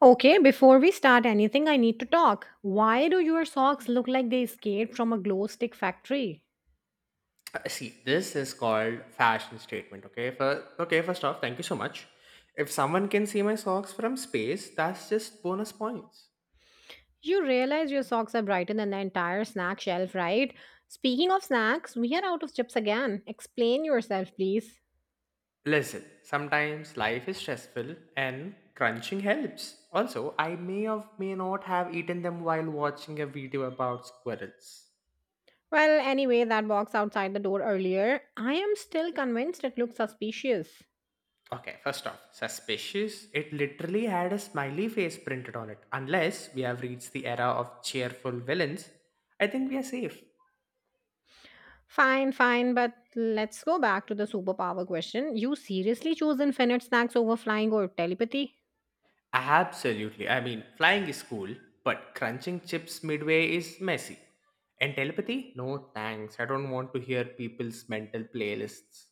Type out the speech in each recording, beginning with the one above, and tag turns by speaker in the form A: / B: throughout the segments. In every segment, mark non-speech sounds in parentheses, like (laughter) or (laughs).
A: Okay, before we start anything, I need to talk. Why do your socks look like they escaped from a glow stick factory?
B: See, this is called fashion statement. Okay, first off, thank you so much. If someone can see my socks from space, that's just bonus points.
A: You realize your socks are brighter than the entire snack shelf, right? Speaking of snacks, we are out of chips again. Explain yourself, please.
B: Listen, sometimes life is stressful and crunching helps. Also, I may or may not have eaten them while watching a video about squirrels.
A: Well, anyway, that box outside the door earlier, I am still convinced it looks suspicious.
B: Okay, first off, suspicious. It literally had a smiley face printed on it. Unless we have reached the era of cheerful villains, I think we are safe.
A: Fine, fine, but let's go back to the superpower question. You seriously chose infinite snacks over flying or telepathy?
B: Absolutely. I mean, flying is cool, but crunching chips midway is messy. And telepathy? No thanks. I don't want to hear people's mental playlists.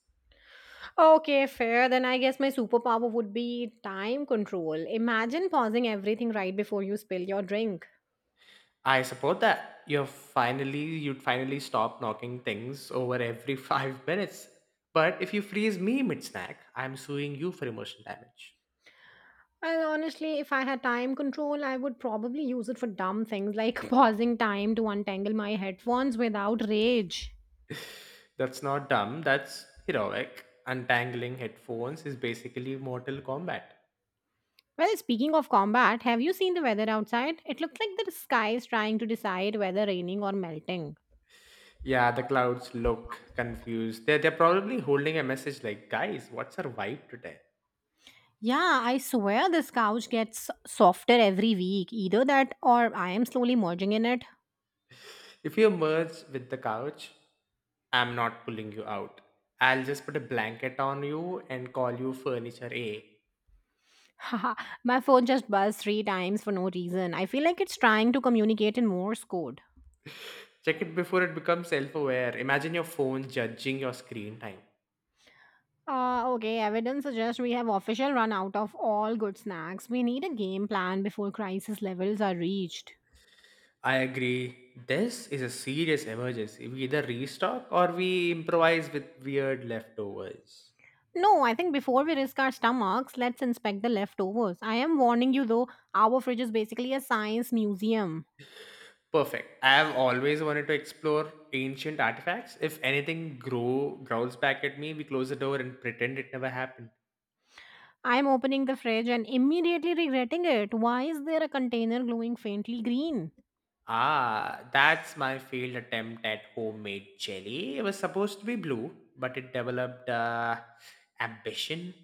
A: Okay, fair. Then I guess my superpower would be time control. Imagine pausing everything right before you spill your drink.
B: I support that. You'd finally stop knocking things over every (laughs) 5 minutes. But if you freeze me mid snack, I'm suing you for emotional damage.
A: And honestly, if I had time control, I would probably use it for dumb things like (laughs) pausing time to untangle my headphones without rage.
B: That's not dumb, that's heroic. Untangling headphones is basically Mortal Kombat.
A: Well, speaking of combat, have you seen the weather outside? It looks like the sky is trying to decide whether raining or melting.
B: Yeah, the clouds look confused. They're probably holding a message like, guys, what's our vibe today?
A: Yeah, I swear this couch gets softer every week. Either that or I am slowly merging in it.
B: If you merge with the couch, I'm not pulling you out. I'll just put a blanket on you and call you furniture A.
A: Haha, my phone just buzzed three times for no reason. I feel like it's trying to communicate in Morse code.
B: Check it before it becomes self aware. Imagine your phone judging your screen time.
A: Okay, evidence suggests we have official run out of all good snacks. We need a game plan before crisis levels are reached.
B: I agree. This is a serious emergency. We either restock or we improvise with weird leftovers.
A: No, I think before we risk our stomachs, let's inspect the leftovers. I am warning you though, our fridge is basically a science museum.
B: Perfect. I have always wanted to explore ancient artifacts. If anything growls back at me, we close the door and pretend it never happened.
A: I am opening the fridge and immediately regretting it. Why is there a container glowing faintly green?
B: Ah, that's my failed attempt at homemade jelly. It was supposed to be blue, but it developed ambition.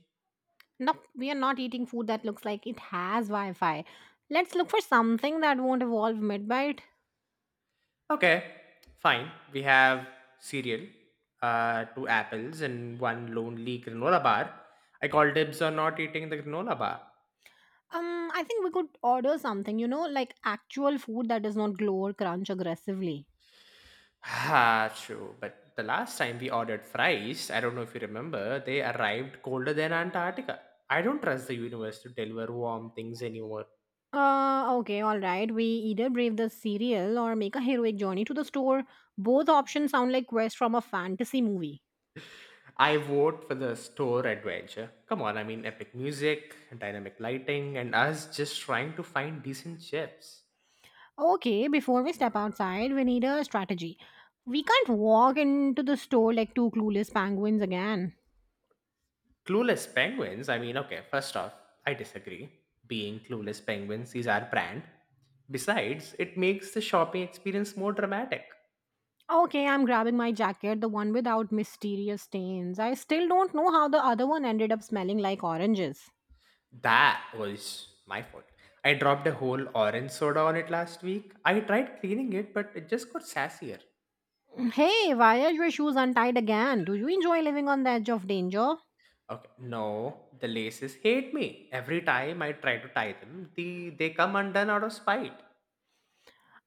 A: Nope, we are not eating food that looks like it has Wi Fi. Let's look for something that won't evolve mid bite.
B: Okay, fine. We have cereal, two apples, and one lonely granola bar. I call dibs on not eating the granola bar.
A: I think we could order something, like actual food that does not glow or crunch aggressively.
B: Ah, true. But the last time we ordered fries, I don't know if you remember, they arrived colder than Antarctica. I don't trust the universe to deliver warm things anymore.
A: Okay, alright, we either brave the cereal or make a heroic journey to the store. Both options sound like quests from a fantasy movie.
B: I vote for the store adventure. Come on, I mean, epic music, dynamic lighting, and us just trying to find decent chips.
A: Okay, before we step outside, we need a strategy. We can't walk into the store like two clueless penguins again.
B: Clueless penguins, I mean, okay, first off, I disagree. Being clueless penguins is our brand. Besides, it makes the shopping experience more dramatic.
A: Okay, I'm grabbing my jacket, the one without mysterious stains. I still don't know how the other one ended up smelling like oranges.
B: That was my fault. I dropped a whole orange soda on it last week. I tried cleaning it, but it just got sassier.
A: (laughs) Hey, why are your shoes untied again? Do you enjoy living on the edge of danger?
B: Okay, no, the laces hate me. Every time I try to tie them, they come undone out of spite.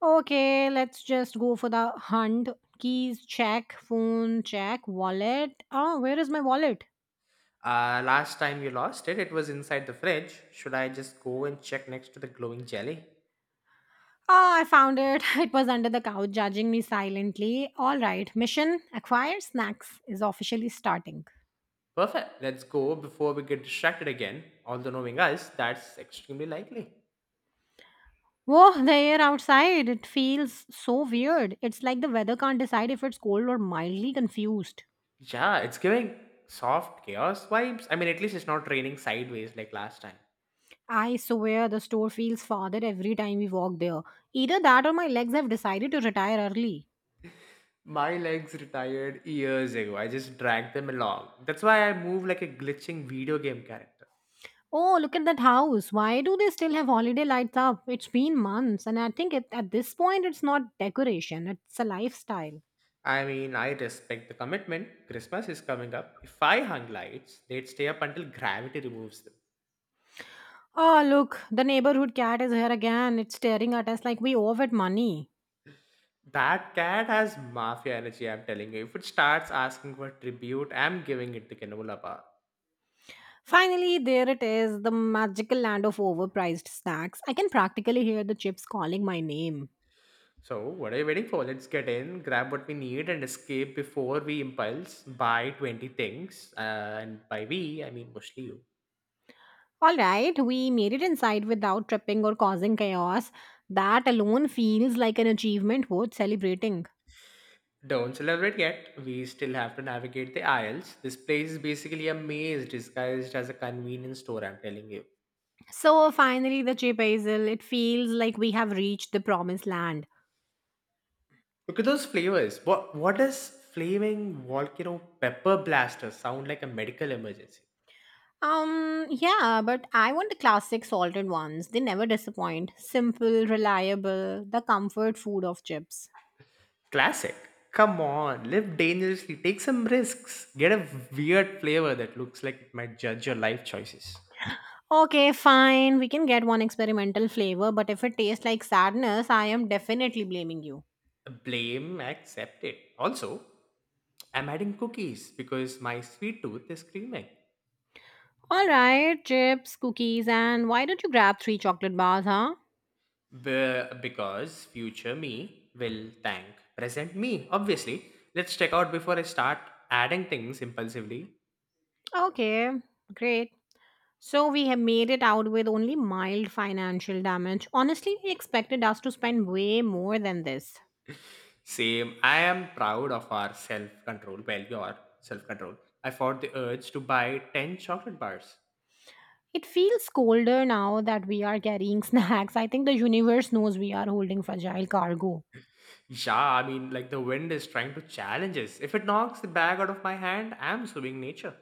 A: Okay, let's just go for the hunt. Keys, check. Phone, check. Wallet. Oh, where is my wallet?
B: Last time you lost it, it was inside the fridge. Should I just go and check next to the glowing jelly?
A: Oh, I found it. (laughs) It was under the couch, judging me silently. All right, mission acquire snacks is officially starting.
B: Perfect, let's go before we get distracted again. Although knowing us, that's extremely likely.
A: Oh, (laughs) the air outside, it feels so weird. It's like the weather can't decide if it's cold or mildly confused.
B: Yeah, it's giving soft chaos vibes. I mean, at least it's not raining sideways like last time.
A: I swear the store feels farther every time we walk there. Either that or my legs have decided to retire early.
B: My legs retired years ago. I just dragged them along. That's why I move like a glitching video game character.
A: Oh, look at that house. Why do they still have holiday lights up? It's been months, and at this point it's not decoration, it's a lifestyle.
B: I mean, I respect the commitment. Christmas is coming up. If I hung lights, they'd stay up until gravity removes them.
A: Oh, look, the neighborhood cat is here again. It's staring at us like we owe it money.
B: That cat has mafia energy, I'm telling you. If it starts asking for tribute, I'm giving it the Canola bar.
A: Finally, there it is, the magical land of overpriced snacks. I can practically hear the chips calling my name.
B: So, what are you waiting for? Let's get in, grab what we need, and escape before we impulse buy 20 things. And by we, I mean mostly you.
A: Alright, we made it inside without tripping or causing chaos. That alone feels like an achievement worth celebrating.
B: Don't celebrate yet. We still have to navigate the aisles. This place is basically a maze disguised as a convenience store, I'm telling you.
A: So, finally, the chip hazel, it feels like we have reached the promised land.
B: Look at those flavors. What does flaming volcano pepper blaster sound like? A medical emergency?
A: Yeah, but I want the classic salted ones. They never disappoint. Simple, reliable, the comfort food of chips.
B: Classic. Come on, live dangerously, take some risks, get a weird flavor that looks like it might judge your life choices.
A: Okay, fine. We can get one experimental flavor, but if it tastes like sadness, I am definitely blaming you.
B: Blame accepted. Also, I'm adding cookies because my sweet tooth is screaming.
A: Alright, chips, cookies, and why don't you grab three chocolate bars, huh?
B: Because future me will thank present me, obviously. Let's check out before I start adding things impulsively.
A: Okay, great. So we have made it out with only mild financial damage. Honestly, he expected us to spend way more than this.
B: Same, I am proud of our self control. Well, your self control. I fought the urge to buy 10 chocolate bars.
A: It feels colder now that we are carrying (laughs) snacks. I think the universe knows we are holding fragile cargo.
B: Yeah, I mean, like the wind is trying to challenge us. If it knocks the bag out of my hand, I'm suing nature.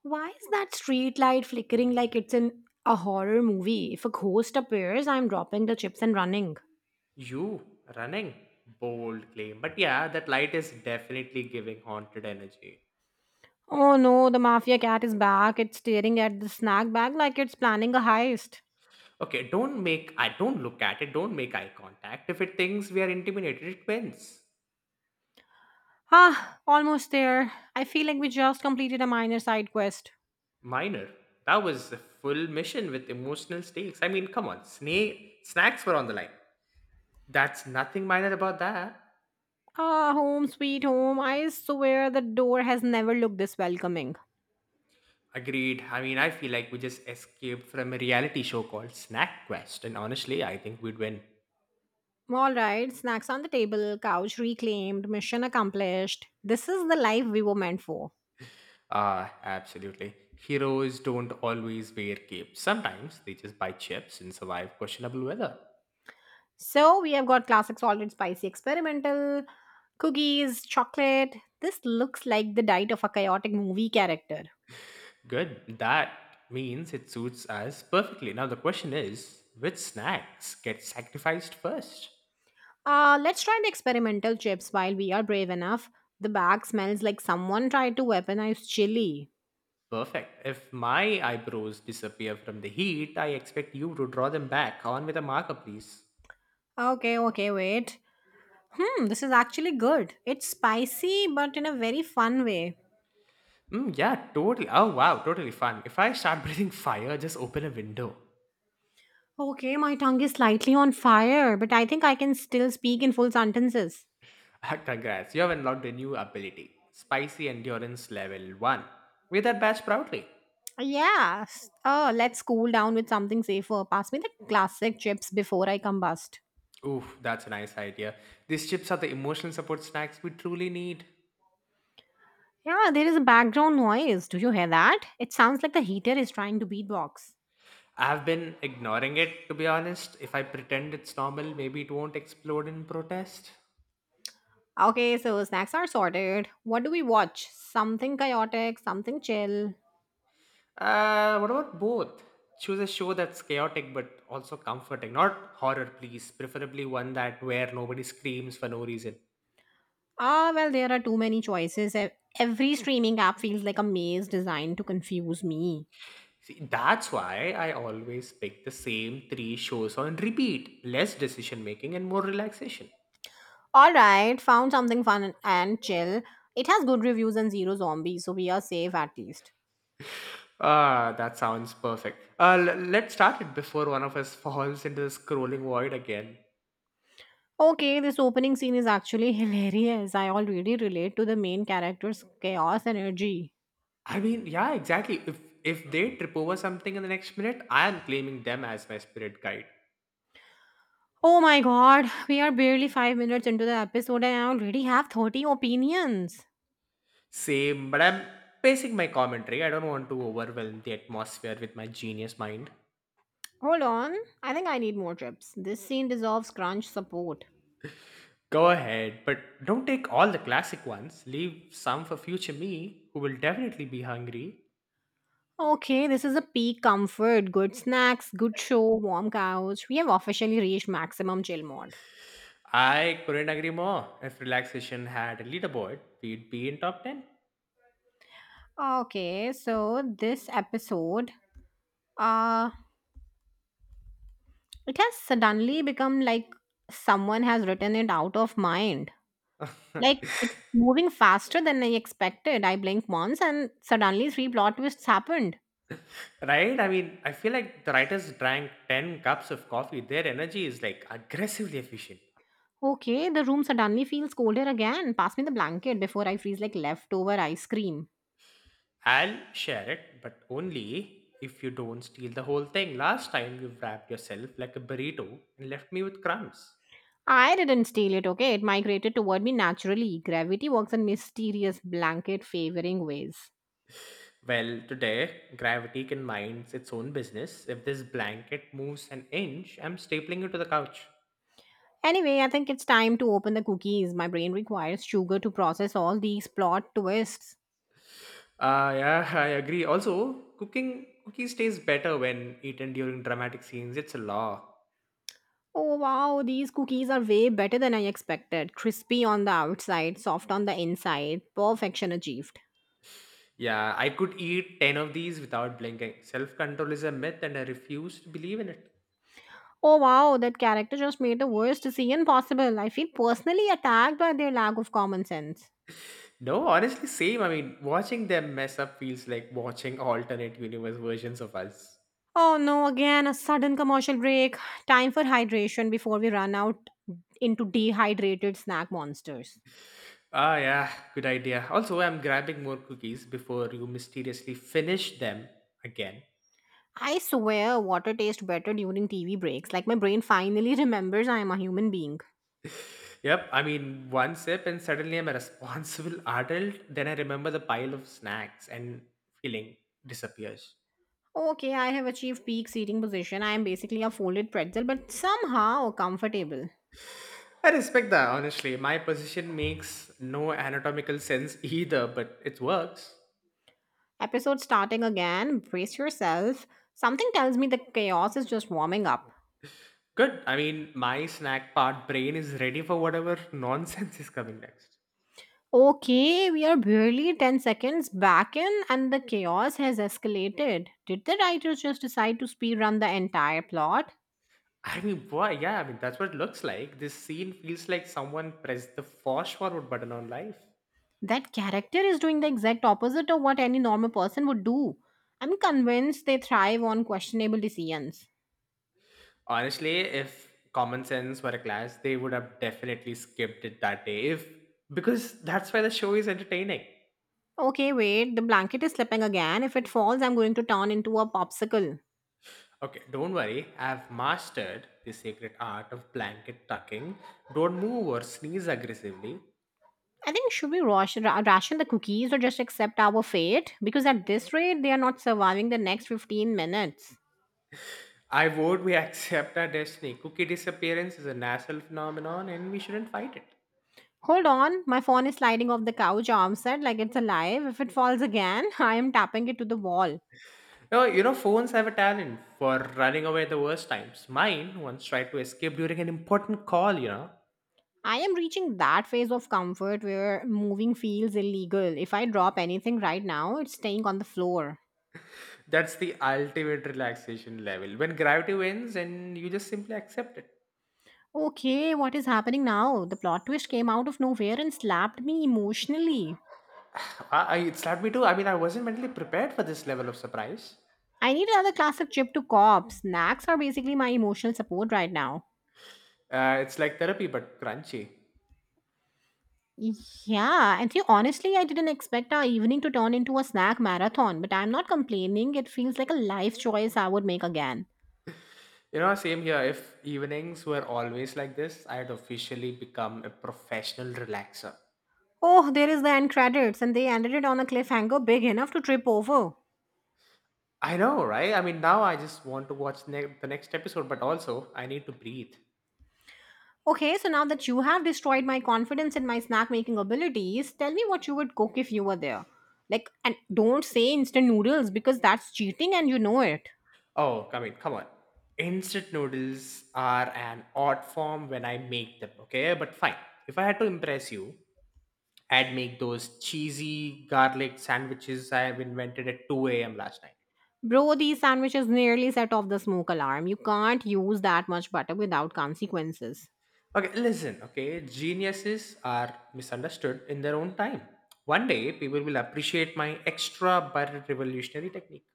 A: Why is that street light flickering like it's in a horror movie? If a ghost appears, I'm dropping the chips and running.
B: You running? Bold claim. But yeah, that light is definitely giving haunted energy.
A: Oh no, the mafia cat is back. It's staring at the snack bag like it's planning a heist.
B: Okay, don't make I don't look at it, don't make eye contact. If it thinks we are intimidated, it wins.
A: Ah, almost there. I feel like we just completed a minor side quest.
B: Minor. That was a full mission with emotional stakes. I mean, come on, snake snacks were on the line. That's nothing minor about that.
A: Ah, home sweet home. I swear the door has never looked this welcoming.
B: Agreed. I mean, I feel like we just escaped from a reality show called Snack Quest, and honestly, I think we'd win.
A: All right, snacks on the table, couch reclaimed, mission accomplished. This is the life we were meant for.
B: Ah, absolutely. Heroes don't always wear capes. Sometimes they just buy chips and survive questionable weather.
A: So we have got classic salt and spicy experimental, cookies, chocolate. This looks like the diet of a chaotic movie character.
B: Good. That means it suits us perfectly. Now the question is, which snacks get sacrificed first?
A: Let's try the experimental chips while we are brave enough. The bag smells like someone tried to weaponize chili.
B: Perfect. If my eyebrows disappear from the heat, I expect you to draw them back on with a marker, please.
A: Okay, wait. Hmm, this is actually good. It's spicy, but in a very fun way.
B: Mm, yeah, totally. Oh, wow, totally fun. If I start (laughs) breathing fire, just open a window.
A: Okay, my tongue is slightly on fire, but I think I can still speak in full sentences.
B: (laughs) Congrats, you have unlocked a new ability, Spicy Endurance Level 1. Wear that badge proudly.
A: Yeah. Oh, let's cool down with something safer. Pass me the classic chips before I combust.
B: Oof, that's a nice idea. These chips are the emotional support snacks we truly need.
A: Yeah, there is a background noise. Do you hear that? It sounds like the heater is trying to beatbox.
B: I've been ignoring it, to be honest. If I pretend it's normal, maybe it won't explode in protest.
A: Okay, so snacks are sorted. What do we watch? Something chaotic, something chill.
B: What about both? Choose a show that's chaotic but also comforting. Not horror, please. Preferably one that where nobody screams for no reason.
A: Ah, well, there are too many choices. Every streaming app feels like a maze designed to confuse me.
B: See, that's why I always pick the same three shows on repeat. Less decision making and more relaxation.
A: Alright, found something fun and chill. It has good reviews and zero zombies, so we are safe at least.
B: Ah, that sounds perfect. Let's start it before one of us (laughs) falls into the scrolling void again.
A: Okay, this opening scene is actually (laughs) hilarious. I already relate to the main character's chaos energy.
B: I mean, yeah, exactly. If they trip over something in the next minute, I am claiming them as my spirit guide.
A: Oh my god, we are barely 5 minutes into the episode and I already have 30 opinions.
B: Same, but I'm pacing my commentary. I don't want to overwhelm the atmosphere with my genius mind.
A: Hold on, I think I need more chips. This scene deserves crunch support.
B: Go ahead, but don't take all the classic ones. Leave some for future me, who will definitely be hungry.
A: Okay, this is a peak comfort. Good snacks, good show, warm couch. We have officially reached maximum chill mode.
B: I couldn't agree more. If relaxation had a leaderboard, we'd be in top 10.
A: Okay, so this episode. Uh It has suddenly become like someone has written it out of mind. Like
B: (laughs)
A: it's moving faster than I expected. I blinked once and suddenly three plot twists happened.
B: Right? I mean, I feel like the writers drank 10 cups of coffee. Their energy is like aggressively efficient.
A: Okay, the room suddenly feels colder again. Pass me the blanket before I freeze like leftover ice cream.
B: I'll share it, but only if you don't steal the whole thing. Last time you wrapped yourself like a burrito and left me with crumbs.
A: I didn't steal it, okay? It migrated toward me naturally. Gravity works in mysterious blanket favoring ways.
B: Well, today, gravity can mind its own business. If this blanket moves an inch, I'm stapling it to the couch.
A: Anyway, I think it's time to open the cookies. My brain requires sugar to process all these plot twists.
B: Ah, yeah, (laughs) I agree. Also, cooking cookies taste better when eaten during dramatic scenes. It's a law.
A: Oh wow, these cookies are way better than I expected. Crispy on the outside, soft on the inside. Perfection achieved.
B: Yeah, I could eat 10 of these without blinking. Self control is a myth and I refuse to believe in it.
A: Oh wow, that character just made the worst decision possible. I feel personally attacked by their lack of common sense.
B: No, honestly, same. I mean, watching them mess up feels like watching alternate universe versions of us.
A: Oh no, again a sudden commercial break. Time for hydration before we run out into dehydrated snack monsters.
B: Ah, yeah, good idea. Also, I'm grabbing more cookies before you mysteriously finish them again.
A: I swear water tastes better during TV breaks. Like my brain finally (laughs) remembers I am a human being.
B: (laughs) Yep, I mean, one sip and suddenly I'm a responsible (laughs) adult. Then I remember the pile of snacks and feeling disappears.
A: Okay, I have achieved peak seating position. I am basically a folded pretzel, but somehow comfortable.
B: I respect that, honestly. My position makes no anatomical sense (laughs) either, but it works.
A: Episode starting again. Brace yourself. Something tells me the chaos is just warming up.
B: Good. I mean, my snack part brain is ready for whatever (laughs) nonsense is coming next.
A: Okay, we are barely 10 seconds back in, and the chaos has escalated. Did the writers just decide to speedrun the entire plot?
B: I mean, boy, yeah, I mean, that's what it looks like. This scene feels like someone pressed the fast forward button on life.
A: That character is doing the exact opposite of what any normal person would do. I'm convinced they thrive on questionable decisions.
B: Honestly, if common sense were a class, they would have definitely skipped it that day. If because that's why the show is entertaining.
A: Okay, wait, the blanket is slipping again. If it falls, I'm going to turn into a popsicle.
B: Okay, don't worry. I've mastered the sacred art of blanket tucking. Don't move or sneeze aggressively.
A: I think should we ration the cookies or just accept our fate? Because at this rate, they are not surviving the next 15 minutes.
B: I vote we (laughs) accept our destiny. Cookie disappearance is a national phenomenon and we shouldn't fight it.
A: Hold on, my phone is sliding off the couch armset like it's alive. If it falls again, (laughs) I am tapping it to the wall.
B: Oh, you know, phones have a talent for running away the worst times. Mine once tried to escape during an important call, you know.
A: I am reaching that phase of comfort where moving feels illegal. If I drop anything right now, it's staying on the floor.
B: That's the ultimate relaxation level. When gravity wins and you just simply accept it.
A: Okay, what is happening now? The plot twist came out of nowhere and slapped me emotionally.
B: It slapped me too. I mean, I wasn't mentally prepared for this level of surprise.
A: I need another classic chip to cop. Snacks are basically my emotional support right now.
B: It's like therapy, but crunchy.
A: Yeah, and see, honestly, I didn't expect our evening to turn into a snack marathon, but I'm not complaining. It feels like a life choice I would make again.
B: You know, same here. If evenings were always like this, I had officially become a professional relaxer.
A: Oh, there is the end credits, and they ended it on a cliffhanger big enough to trip over.
B: I know, right? I mean, now I just want to watch the next episode, but also I need to breathe.
A: Okay, so now that you have destroyed my confidence in my snack making abilities, tell me what you would cook if you were there. Like, and don't say instant noodles because that's cheating and you know it.
B: Oh, I mean, come on. Instant noodles are an odd form when I make them, okay? But fine. If I had to impress you, I'd make those cheesy garlic sandwiches I have invented at 2 a.m. last night.
A: Bro, these sandwiches nearly set off the smoke alarm. You can't use that much butter without consequences.
B: Okay, listen, okay? Geniuses are misunderstood in their own time. One day, people will appreciate my extra but revolutionary technique.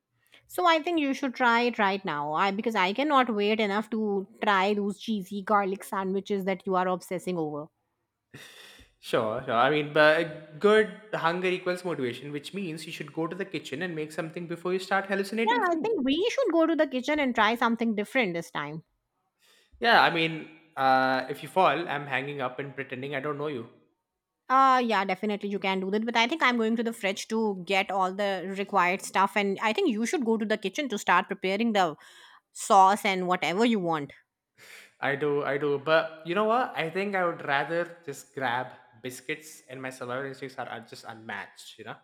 A: So I think you should try it right now. I Because I cannot wait enough to try those cheesy garlic sandwiches that you are obsessing over.
B: Sure, sure. I mean, but good hunger equals motivation, which means you should go to the kitchen and make something before you start hallucinating
A: Yeah, I
B: food.
A: think we should go to the kitchen and try something different this time.
B: Yeah, I mean, if you fall, I'm hanging up and pretending I don't know you.
A: Yeah, definitely you can do that. But I think I'm going to the fridge to get all the required stuff and I think you should go to the kitchen to start preparing the sauce and whatever you want.
B: I do. But you know what? I think I would rather just grab biscuits, and my survival instincts are just unmatched. You know?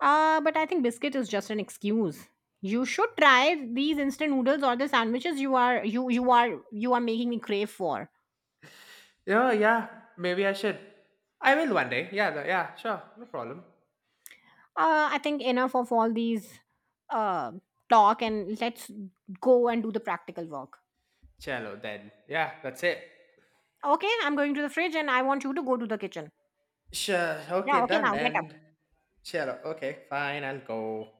A: But I think biscuit is just an excuse. You should try these instant noodles or the sandwiches you are making me crave for.
B: Yeah, yeah. Maybe I should. I will one day. Yeah. Yeah. Sure. No problem.
A: I think enough of all these uh talk and let's go and do the practical work.
B: Chalo then. Yeah. That's it.
A: Okay, I'm going to the fridge and I want you to go to the kitchen.
B: Sure. Okay.
A: Yeah, okay
B: Done.
A: now get up.
B: And chalo. Okay. Fine. I'll go.